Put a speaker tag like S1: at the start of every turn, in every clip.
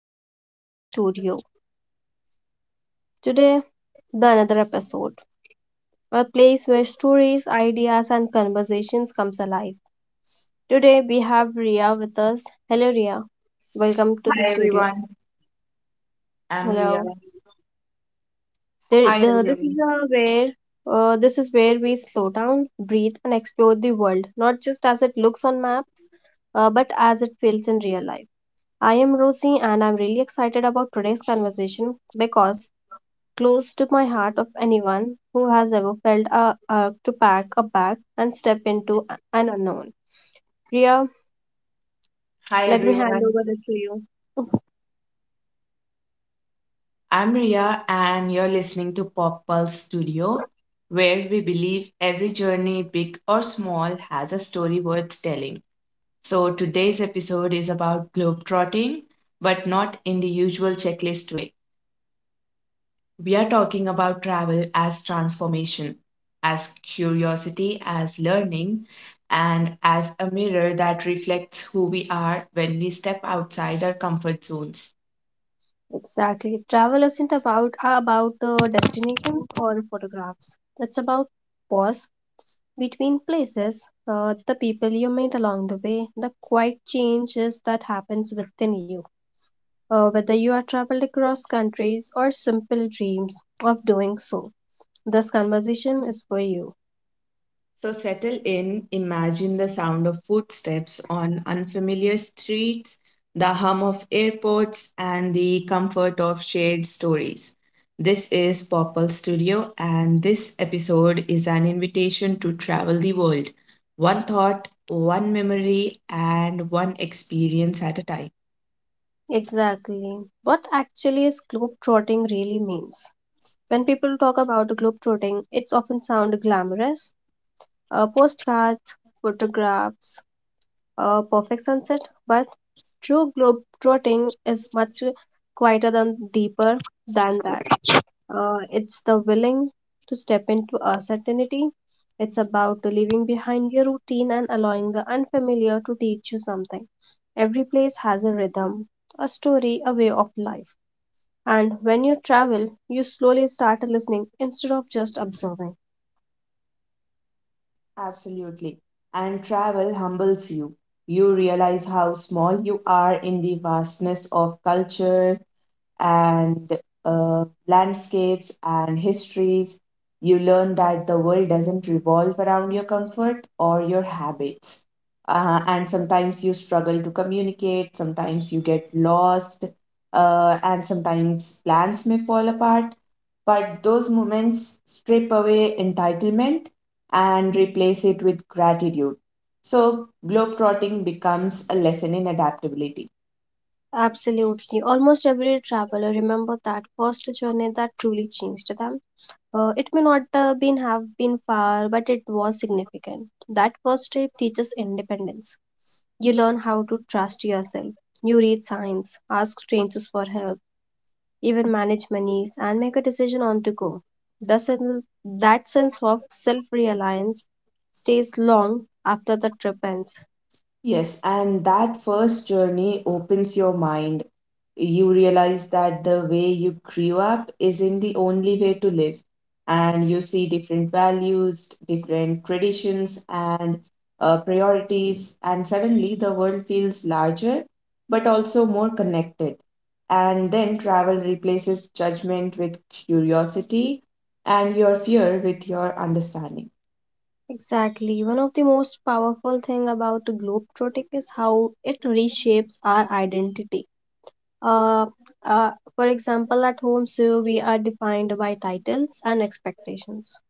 S1: to Pop Pulse Studio. Today, the another episode, a place where stories, ideas, and conversations comes alive. Today we have Ria with us. Hello, Ria. Welcome to the
S2: Hi
S1: studio.
S2: everyone, I'm Ria.
S1: Hello. There,
S2: Hi
S1: the, this is
S2: everyone.
S1: where This is where we slow down, breathe, and explore the world, not just as it looks on maps, but as it feels in real life. I am Rosie, and I'm really excited about today's conversation because close to my heart of anyone who has ever felt a urge to pack a bag and step into an unknown. Ria,
S2: Hi
S1: let me hand
S2: everyone.
S1: over it to you.
S2: I'm Ria and you're listening to Pop Pulse Studio, where we believe every journey, big or small, has a story worth telling. So today's episode is about globetrotting, but not in the usual checklist way. We are talking about travel as transformation, as curiosity, as learning, and as a mirror that reflects who we are when we step outside our comfort zones.
S1: Exactly. Travel isn't about destination or photographs. It's about pause between places, the people you meet along the way, the quiet changes that happens within you. Whether you are traveled across countries or simple dreams of doing so, this conversation is for you.
S2: So settle in, imagine the sound of footsteps on unfamiliar streets, the hum of airports, and the comfort of shared stories. This is Popple Studio, and this episode is an invitation to travel the world, one thought, one memory, and one experience at a time.
S1: Exactly. What actually is globetrotting really means. When people talk about globetrotting, it's often sound glamorous, postcards, photographs, a perfect sunset, but true globetrotting is much quieter than deeper than that. It's the willing to step into uncertainty. It's about leaving behind your routine and allowing the unfamiliar to teach you something. Every place has a rhythm, a story, a way of life, and when you travel, you slowly start listening instead of just observing.
S2: Absolutely. And travel humbles you. You realize how small you are in the vastness of culture, and landscapes and histories. You learn that the world doesn't revolve around your comfort or your habits. And sometimes you struggle to communicate, sometimes you get lost, and sometimes plans may fall apart. But those moments strip away entitlement and replace it with gratitude. So, globetrotting becomes a lesson in adaptability.
S1: Absolutely. Almost every traveler remember that first journey that truly changed them. It may not been have been far, but it was significant. That first trip teaches independence. You learn how to trust yourself. You read signs, ask strangers for help, even manage monies, and make a decision on to go. That sense of self-reliance stays long after the trip ends.
S2: Yes, and that first journey opens your mind. You realize that the way you grew up isn't the only way to live, and you see different values, different traditions, and priorities, and suddenly the world feels larger but also more connected. And then travel replaces judgment with curiosity and your fear with your understanding.
S1: Exactly. One of the most powerful thing about globetrotting is how it reshapes our identity. Uh, for example, at home, so we are defined by titles and expectations.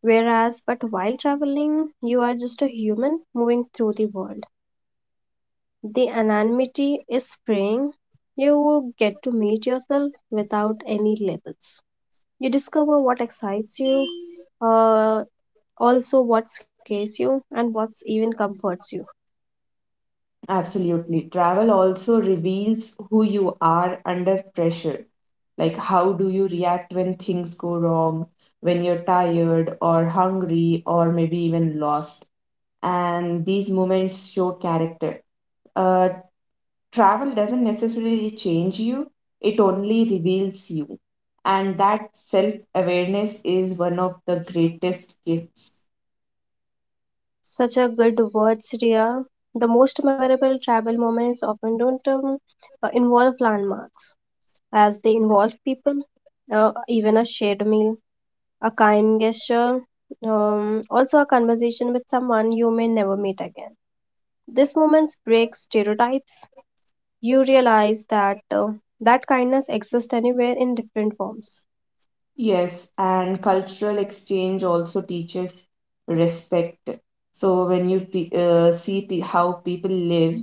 S1: Whereas, but while traveling, you are just a human moving through the world. The anonymity is freeing. You get to meet yourself without any labels. You discover what excites you, uh, also what scares you, and what even comforts you.
S2: Absolutely. Travel also reveals who you are under pressure. Like, how do you react when things go wrong, when you're tired or hungry, or maybe even lost? And these moments show character. Uh, Travel doesn't necessarily change you, it only reveals you. And that self awareness is one of the greatest gifts.
S1: Such a good words, Ria. The most memorable travel moments often don't involve landmarks, as they involve people, even a shared meal, a kind gesture, also a conversation with someone you may never meet again. These moments break stereotypes. You realize that that kindness exists anywhere in different forms.
S2: Yes, and cultural exchange also teaches respect. So when you pe see pe how people live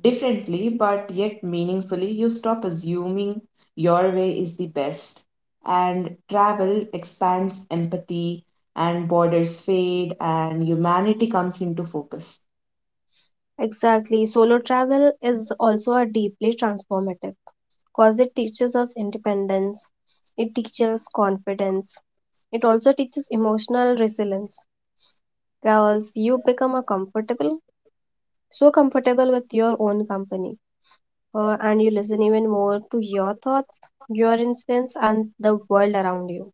S2: differently but yet meaningfully, you stop assuming your way is the best. And travel expands empathy, and borders fade, and humanity comes into focus.
S1: Exactly, solo travel is also a deeply transformative, because it teaches us independence, it teaches confidence, it also teaches emotional resilience because you become so comfortable with your own company, and you listen even more to your thoughts, your instincts, and the world around you.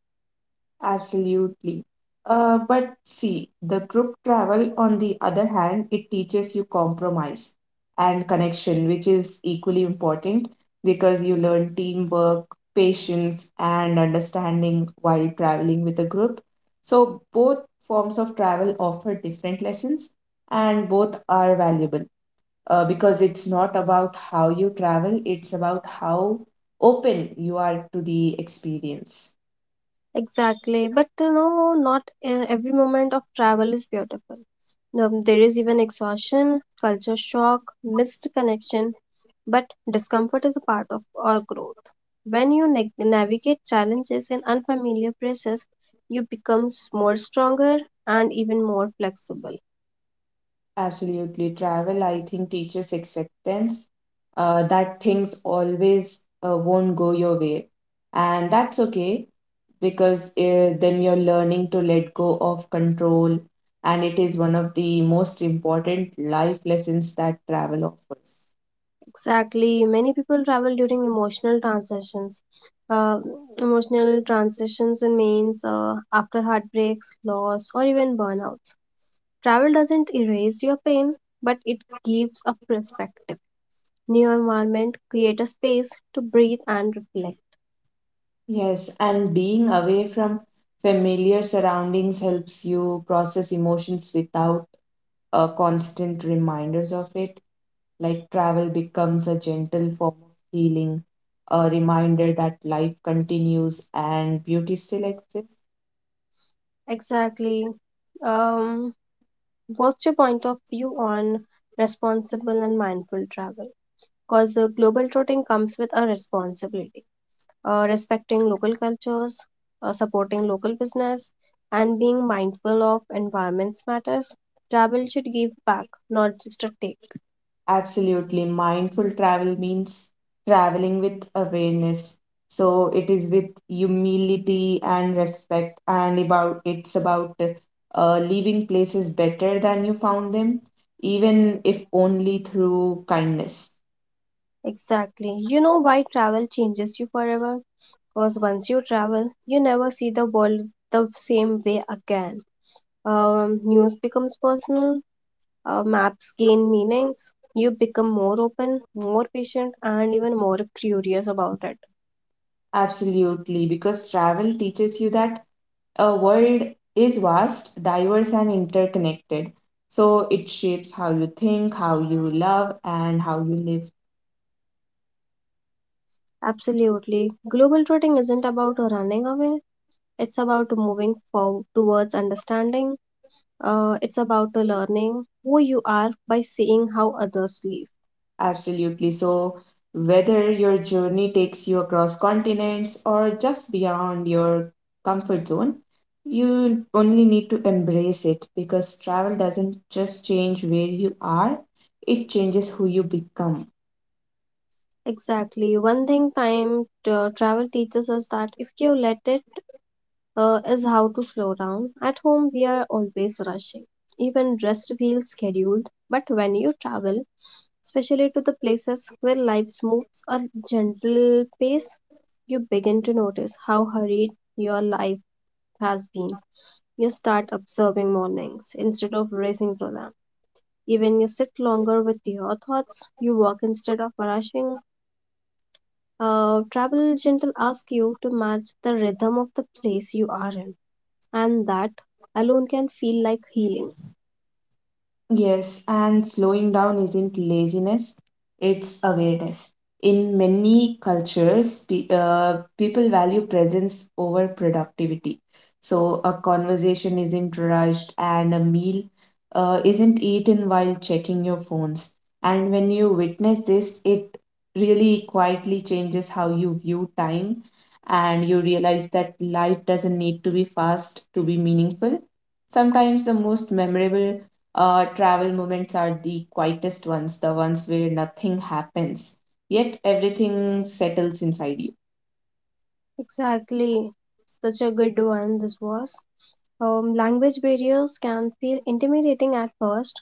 S2: Absolutely. But see, the group travel, on the other hand, it teaches you compromise and connection, which is equally important because you learn teamwork, patience, and understanding while traveling with a group. So, both forms of travel offer different lessons, and both are valuable because it's not about how you travel, it's about how open you are to the experience.
S1: Exactly, but you know, not every moment of travel is beautiful. There is even exhaustion, culture shock, missed connection, but discomfort is a part of our growth. When you neg navigate challenges and unfamiliar places, you become more stronger and even more flexible.
S2: Absolutely. Travel, I think, teaches acceptance that things always won't go your way. And that's okay because then you're learning to let go of control. And it is one of the most important life lessons that travel offers.
S1: Exactly. Many people travel during emotional transitions. Uh, Emotional transitions means after heartbreaks, loss, or even burnouts. Travel doesn't erase your pain, but it gives a perspective. New environment create a space to breathe and reflect.
S2: Yes, and being away from familiar surroundings helps you process emotions without constant reminders of it. Like travel becomes a gentle form of healing, a reminder that life continues and beauty still exists.
S1: Exactly. Um, what's your point of view on responsible and mindful travel? Because global touring comes with a responsibility, respecting local cultures, supporting local business, and being mindful of environments matters. Travel should give back, not just a take.
S2: Absolutely. Mindful travel means traveling with awareness. So it is with humility and respect, and about it's about leaving places better than you found them, even if only through kindness.
S1: Exactly. You know why travel changes you forever? Because once you travel, you never see the world the same way again. News becomes personal, maps gain meanings, you become more open, more patient, and even more curious about it.
S2: Absolutely, because travel teaches you that a world is vast, diverse, and interconnected. So it shapes how you think, how you love, and how you live.
S1: Absolutely. Global trotting isn't about running away, it's about moving forward towards understanding. It's about learning who you are by seeing how others live.
S2: Absolutely. So, whether your journey takes you across continents or just beyond your comfort zone, you only need to embrace it because travel doesn't just change where you are, it changes who you become.
S1: Exactly. One thing time travel teaches us, that if you let it, is how to slow down. At home, we are always rushing. Even rest feels scheduled. But when you travel, especially to the places where life moves a gentle pace, you begin to notice how hurried your life has been. You start observing mornings instead of racing through them. Even you sit longer with your thoughts, you walk instead of rushing. Travel gentle asks you to match the rhythm of the place you are in, and that alone can feel like healing.
S2: Yes, and slowing down isn't laziness, it's awareness. In many cultures, people value presence over productivity. So a conversation isn't rushed, and a meal isn't eaten while checking your phones. And when you witness this, it really quietly changes how you view time, and you realize that life doesn't need to be fast to be meaningful. Sometimes the most memorable travel moments are the quietest ones, the ones where nothing happens, yet everything settles inside you.
S1: Exactly. Such a good one this was. Language barriers can feel intimidating at first.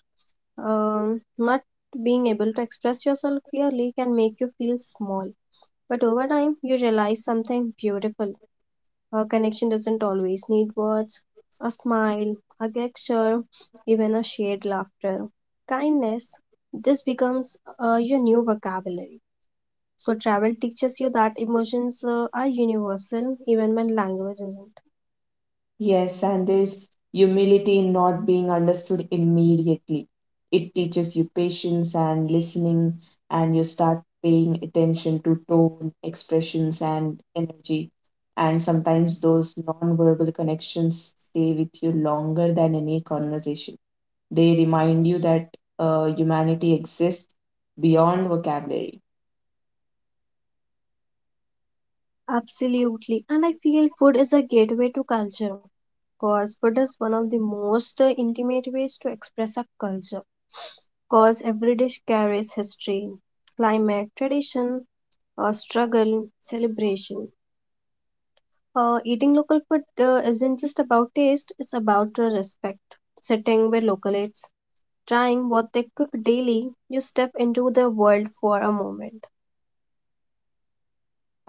S1: Not being able to express yourself clearly can make you feel small. But over time, you realize something beautiful. A connection doesn't always need words. A smile, a gesture, even a shared laughter. Kindness, this becomes your new vocabulary. So travel teaches you that emotions are universal even when language isn't.
S2: Yes, and there's humility in not being understood immediately. It teaches you patience and listening, and you start paying attention to tone, expressions, and energy. And sometimes those non-verbal connections stay with you longer than any conversation. They remind you that humanity exists beyond vocabulary.
S1: Absolutely. And I feel food is a gateway to culture. Cause food is one of the most intimate ways to express a culture. Cause every dish carries history, climate, tradition, struggle, celebration. Eating local food isn't just about taste, it's about respect. Sitting with local, trying what they cook daily, you step into their world for a moment.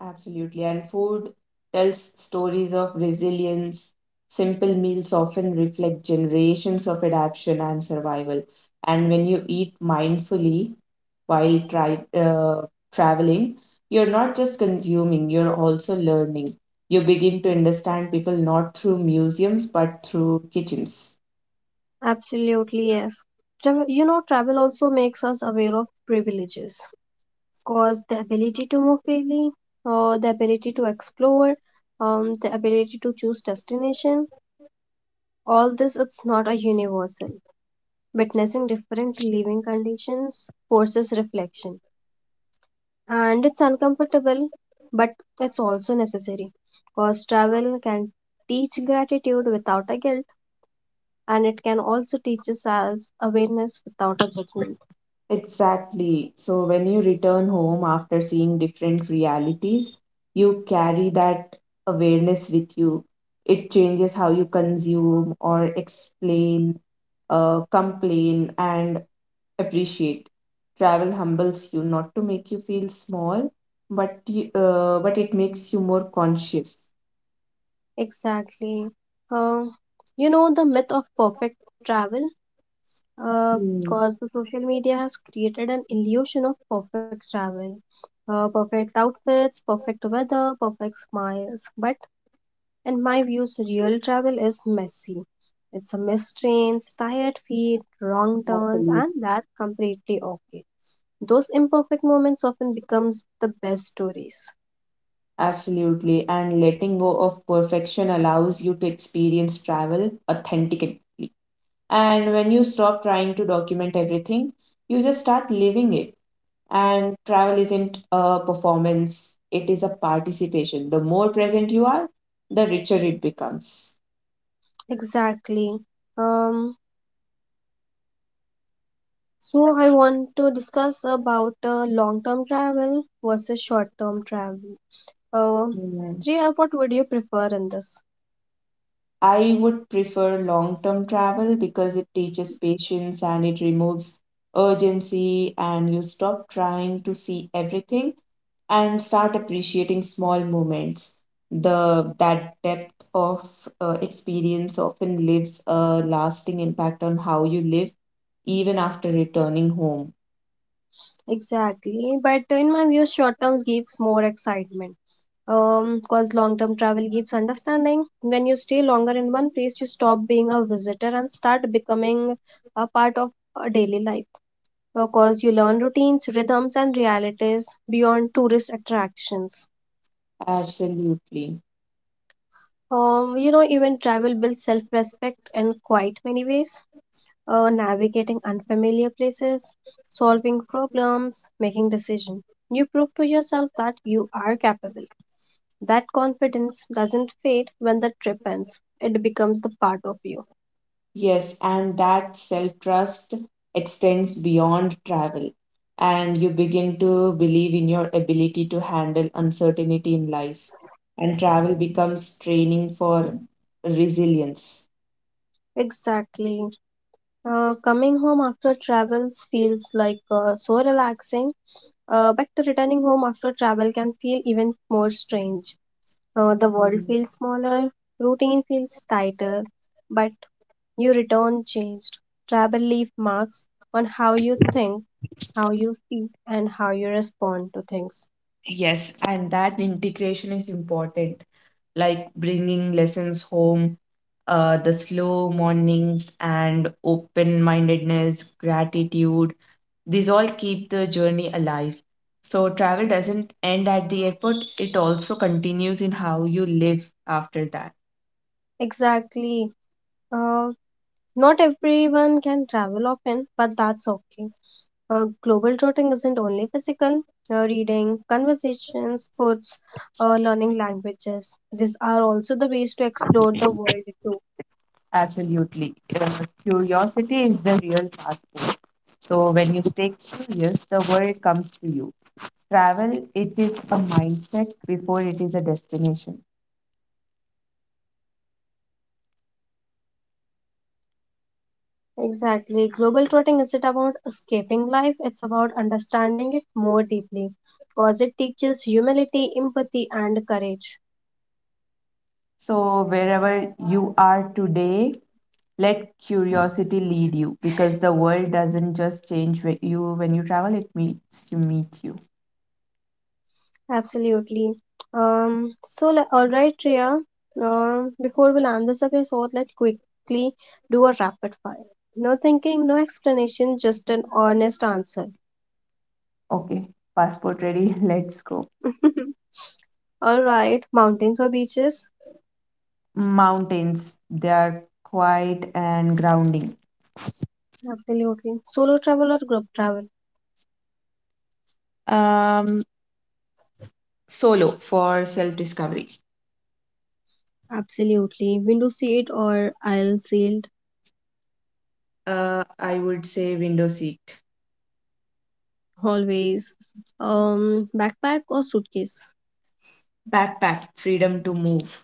S2: Absolutely. And food tells stories of resilience. Simple meals often reflect generations of adaptation and survival. And when you eat mindfully while traveling, you're not just consuming, you're also learning. You begin to understand people not through museums but through kitchens.
S1: Absolutely, yes. Travel, you know, travel also makes us aware of privileges, cause the ability to move freely, or the ability to explore, the ability to choose destination. All this it's not a universal. Witnessing different living conditions forces reflection, and it's uncomfortable, but it's also necessary, cause travel can teach gratitude without a guilt, and it can also teach us as awareness without a judgment.
S2: Exactly. So when you return home after seeing different realities, you carry that awareness with you. It changes how you consume or explain, complain, and appreciate. Travel humbles you, not to make you feel small, but it makes you more conscious.
S1: Exactly. Uh, you know, the myth of perfect travel,
S2: Hmm,
S1: because the social media has created an illusion of perfect travel, perfect outfits, perfect weather, perfect smiles. But in my views, real travel is messy. It's a missed trains, tired feet, wrong turns, and
S2: absolutely.
S1: that's completely okay. Those imperfect moments often becomes the best stories.
S2: Absolutely. And letting go of perfection allows you to experience travel authentically. And when you stop trying to document everything, you just start living it. And travel isn't a performance, it is a participation. The more present you are, the richer it becomes.
S1: Exactly. Um, So I want to discuss about long-term travel versus short-term travel. Uh, Priya, what would you prefer in this?
S2: I would prefer long term travel because it teaches patience and it removes urgency, and you stop trying to see everything and start appreciating small moments. The that depth of experience often leaves a lasting impact on how you live even after returning home.
S1: Exactly, but in my view, short-term gives more excitement. Cause long-term travel gives understanding. When you stay longer in one place, you stop being a visitor and start becoming a part of a daily life. Because you learn routines, rhythms, and realities beyond tourist attractions.
S2: Absolutely.
S1: You know, even travel builds self respect in quite many ways. Navigating unfamiliar places, solving problems, making decisions. You prove to yourself that you are capable. That confidence doesn't fade when the trip ends, it becomes the part of you.
S2: Yes, and that self trust extends beyond travel, and you begin to believe in your ability to handle uncertainty in life. And travel becomes training for resilience.
S1: Exactly. Coming home after travels feels like so relaxing, but returning home after travel can feel even more strange. The world
S2: Mm.
S1: feels smaller, routine feels tighter, but you return changed. Travel leave marks on how you think, how you feel, and how you respond to things.
S2: Yes, and that integration is important, like bringing lessons home, the slow mornings, and open mindedness, gratitude, these all keep the journey alive. So travel doesn't end at the airport, it also continues in how you live after that.
S1: Exactly. Uh, Not everyone can travel often, but that's okay. Global trotting isn't only physical. Reading, conversations, foods, learning languages. These are also the ways to explore the world too.
S2: Absolutely. Curiosity is the real passport. So when you stay curious, the world comes to you. Travel, it is a mindset before it is a destination.
S1: Exactly. Global trotting isn't about escaping life, it's about understanding it more deeply because it teaches humility, empathy, and courage.
S2: So wherever you are today, let curiosity lead you because the world doesn't just change when you travel, it meets to meet you.
S1: Absolutely. All right, Tria. Before we land this episode, let's quickly do a rapid fire. No thinking, no explanation, just an honest answer.
S2: Okay, passport ready, let's go.
S1: All right, mountains or beaches?
S2: Mountains, they are quiet and grounding.
S1: Absolutely. Solo travel or group travel?
S2: Um, Solo for self discovery.
S1: Absolutely. Window seat or aisle seat?
S2: I would say window seat.
S1: Always. Backpack or suitcase?
S2: Backpack, freedom to move.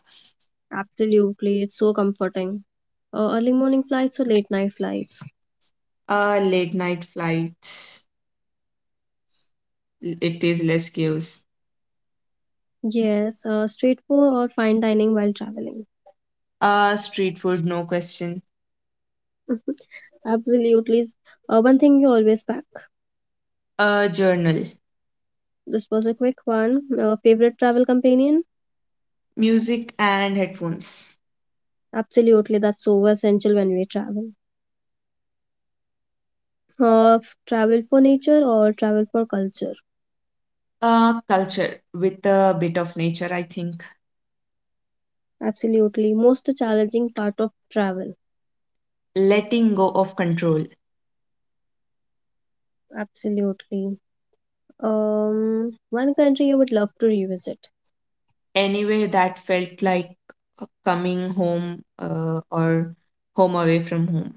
S1: Absolutely, it's so comforting. Early morning flights or late night flights?
S2: Late night flights, it is less chaos.
S1: Yes, street food or fine dining while traveling.
S2: Street food, no question.
S1: Absolutely. One thing you always pack.
S2: A journal,
S1: This was a quick one. Favorite travel companion?
S2: music and headphones.
S1: Absolutely, that's so essential when we travel. Travel for nature or travel for culture?
S2: Culture with a bit of nature, I think.
S1: Absolutely. Most challenging part of travel.
S2: Letting go of control.
S1: Absolutely. One country I would love to revisit.
S2: Anywhere that felt like coming home or home away from home.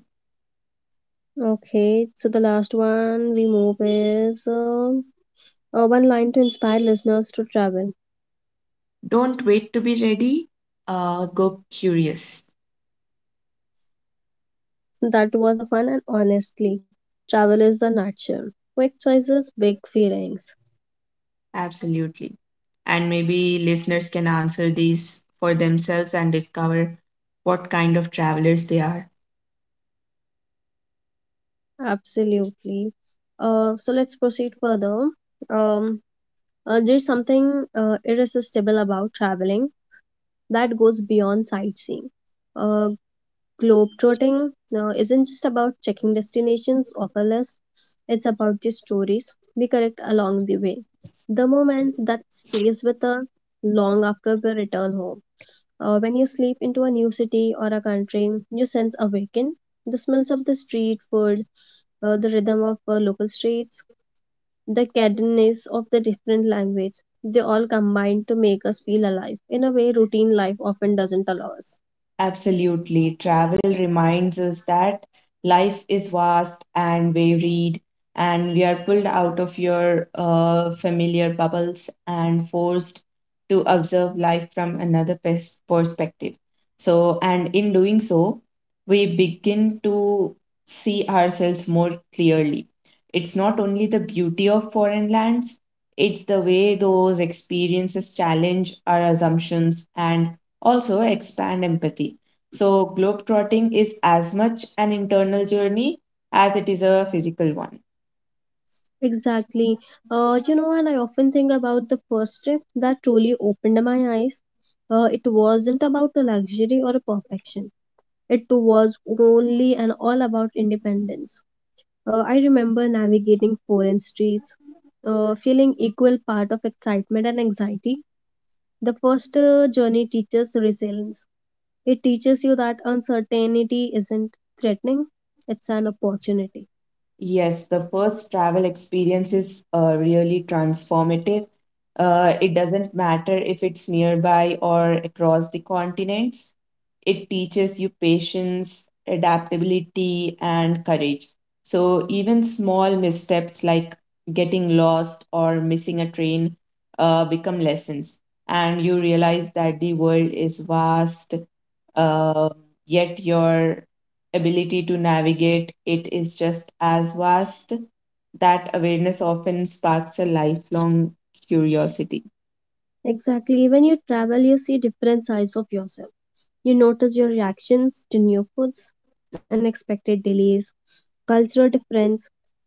S1: Okay, so the last one we move is one line to inspire listeners to travel.
S2: Don't wait to be ready, go curious.
S1: That was a fun, and honestly, travel is the nature. Quick choices, big feelings.
S2: Absolutely. And maybe listeners can answer these for themselves and discover what kind of travelers they are.
S1: Absolutely. So let's proceed further. Um, there's something irresistible about traveling that goes beyond sightseeing. Uh, Globetrotting isn't just about checking destinations off a list, it's about the stories we collect along the way, the moments that stays with us long after we return home. When you sleep into a new city or a country, you sense awaken the smells of the street food, the rhythm of local streets, the cadence of the different language. They all combine to make us feel alive in a way routine life often doesn't allow us.
S2: Absolutely. Travel reminds us that life is vast and varied, and we are pulled out of your familiar bubbles and forced to observe life from another perspective. So, and in doing so, we begin to see ourselves more clearly. It's not only the beauty of foreign lands, it's the way those experiences challenge our assumptions and also expand empathy. So, globetrotting is as much an internal journey as it is a physical one.
S1: Exactly. You know, and I often think about the first trip that truly opened my eyes. It wasn't about a luxury or a perfection. It was only and all about independence. I remember navigating foreign streets, feeling equal part of excitement and anxiety. The first journey teaches resilience. It teaches you that uncertainty isn't threatening, it's an opportunity.
S2: Yes, the first travel experience is really transformative. It doesn't matter if it's nearby or across the continents. It teaches you patience, adaptability, and courage. So, even small missteps like getting lost or missing a train become lessons, and you realize that the world is vast, uh, yet your ability to navigate it is just as vast. That awareness often sparks a lifelong curiosity.
S1: Exactly. When you travel, you see different sides of yourself. You notice your reactions to new foods, unexpected delays, cultural difference.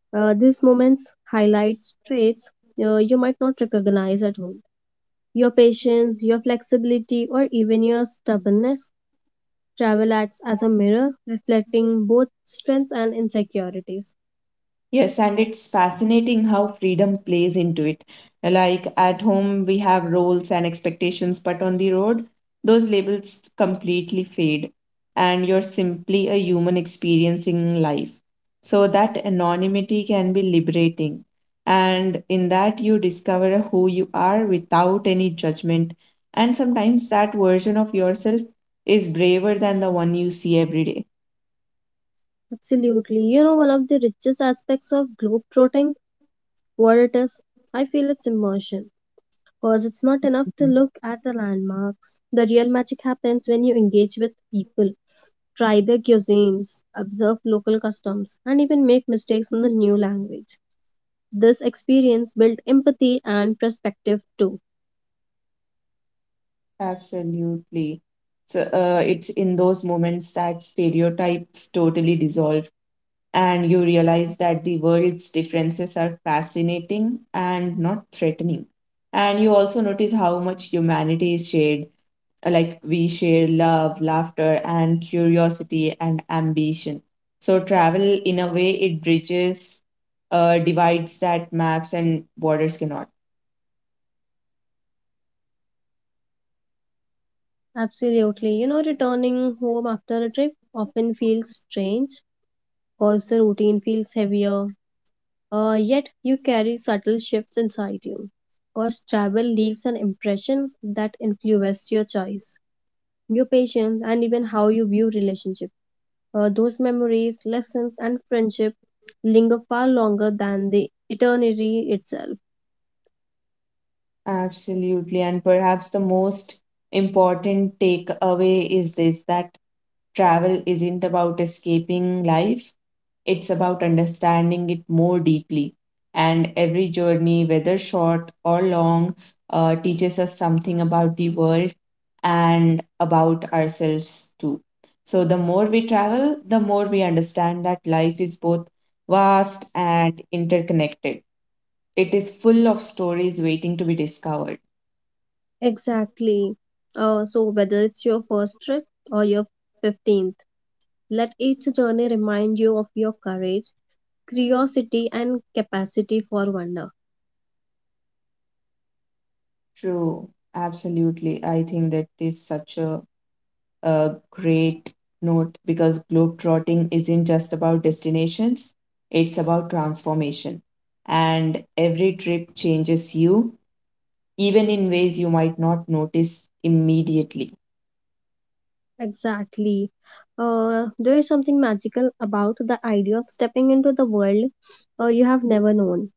S1: These moments highlight traits you might not recognize at home. Your patience, your flexibility, or even your stubbornness, travel acts as a mirror reflecting both strengths and insecurities.
S2: Yes, and it's fascinating how freedom plays into it. Like at home, we have roles and expectations, but on the road, those labels completely fade, and you're simply a human experiencing life. So that anonymity can be liberating. And in that, you discover who you are without any judgment. And sometimes that version of yourself is braver than the one you see every
S1: Absolutely. You know, one of the richest aspects of globetrotting, what it is, I feel it's immersion. Because it's not enough to
S2: day.
S1: look at the landmarks. The real magic happens when you engage with people, try their cuisines, observe local customs, and even make mistakes in the new language. This experience builds empathy and perspective too.
S2: Absolutely. So, it's in those moments that stereotypes totally dissolve, and you realize that the world's differences are fascinating and not threatening. And you also notice how much humanity is shared, like we share love, laughter, and curiosity and ambition. So, travel, in a way, it bridges divides that maps and borders cannot.
S1: Absolutely. You know, returning home after a trip often feels strange because the routine feels heavier, yet you carry subtle shifts inside you. Because travel leaves an impression that influences your choice, your patience, and even how you view relationship. Those memories, lessons, and friendship linger far longer than the eternity itself.
S2: Absolutely. And perhaps the most important takeaway is this, that travel isn't about escaping life, it's about understanding it more deeply. And every journey, whether short or long, teaches us something about the world and about ourselves too. So the more we travel, the more we understand that life is both vast and interconnected. It is full of stories waiting to be discovered.
S1: Exactly. So whether it's your first trip or your 15th, let each journey remind you of your courage, curiosity, and capacity for wonder.
S2: True, absolutely. I think that is such a great note because globetrotting isn't just about destinations, it's about transformation. And every trip changes you, even in ways you might not notice immediately.
S1: Exactly. There is something magical about the idea of stepping into the world you have never known.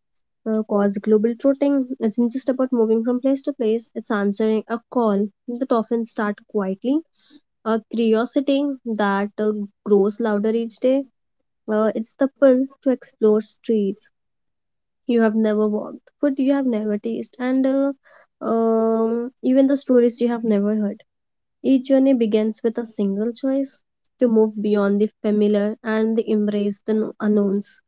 S1: Because global trotting isn't just about moving from place to place, it's answering a call that often starts quietly, a curiosity that grows louder each day. It's the pull to explore streets you have never walked, food you have never tasted, and even the stories you have never heard. Each journey begins with a single choice to move beyond the familiar and the embrace the unknowns.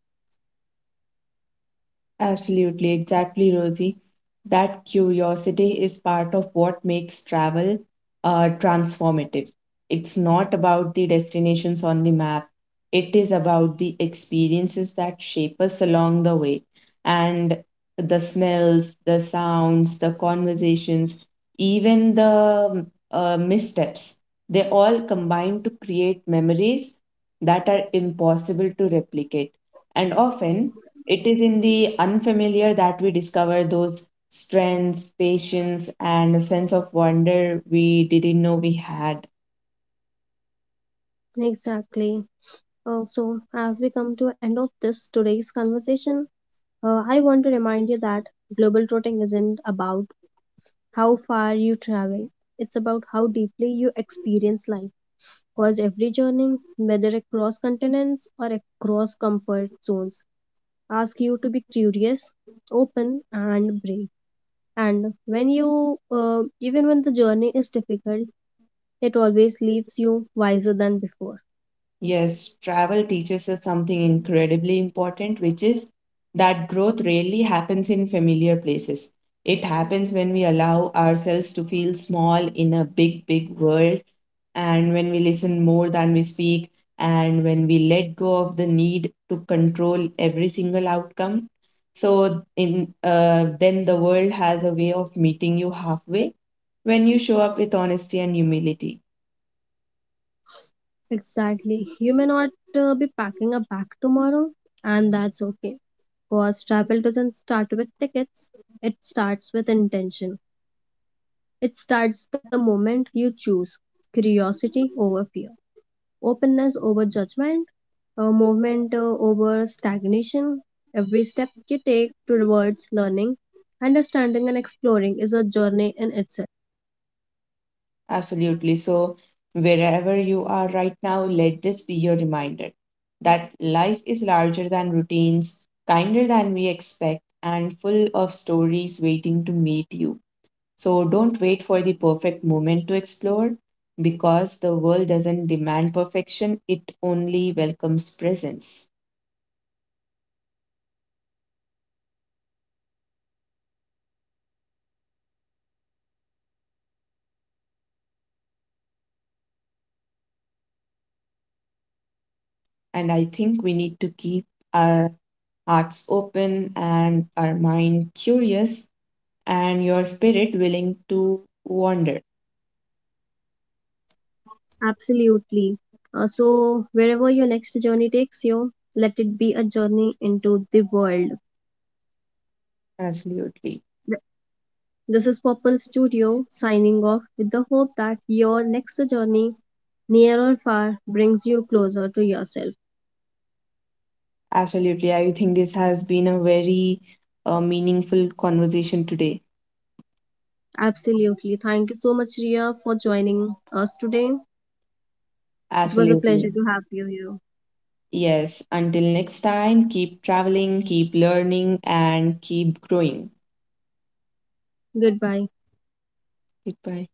S2: Absolutely, exactly, Rosie. That curiosity is part of what makes travel transformative. It's not about the destinations on the map, it is about the experiences that shape us along the way. And the smells, the sounds, the conversations, even the missteps, they all combine to create memories that are impossible to replicate. And often, it is in the unfamiliar that we discover those strengths, patience, and a sense of wonder we didn't know we had.
S1: Exactly. So, as we come to end of this today's conversation, I want to remind you that global trotting isn't about how far you travel; it's about how deeply you experience life. Because every journey, whether across continents or across comfort zones, asks you to be curious, open, and brave. And even when the journey is difficult, it always leaves you wiser than before.
S2: Yes, travel teaches us something incredibly important, which is that growth rarely happens in familiar places. It happens when we allow ourselves to feel small in a big, big world, and when we listen more than we speak, and when we let go of the need to control every single outcome. So, in then the world has a way of meeting you halfway when you show up with honesty and humility.
S1: Exactly. You may not be packing a bag tomorrow, and that's okay. Because travel doesn't start with tickets, it starts with intention. It starts the moment you choose curiosity over fear, openness over judgment, movement over stagnation. Every step you take towards learning, understanding, and exploring is a journey in itself.
S2: Absolutely. So, wherever you are right now, let this be your reminder that life is larger than routines, kinder than we expect, and full of stories waiting to meet you. So, don't wait for the perfect moment to explore because the world doesn't demand perfection, it only welcomes presence. And I think we need to keep our hearts open and our mind curious and your spirit willing to wander.
S1: Absolutely. So, wherever your next journey takes you, let it be a journey into the world.
S2: Absolutely.
S1: Th- This is Purple Studio signing off with the hope that your next journey, near or far, brings you closer to yourself.
S2: Absolutely. I think this has been a very meaningful conversation today.
S1: Absolutely. Thank you so much, Ria, for joining us today. It was a pleasure
S2: Absolutely.
S1: to have you here.
S2: Yes. Until next time, keep traveling, keep learning, and keep growing.
S1: Goodbye.
S2: Goodbye.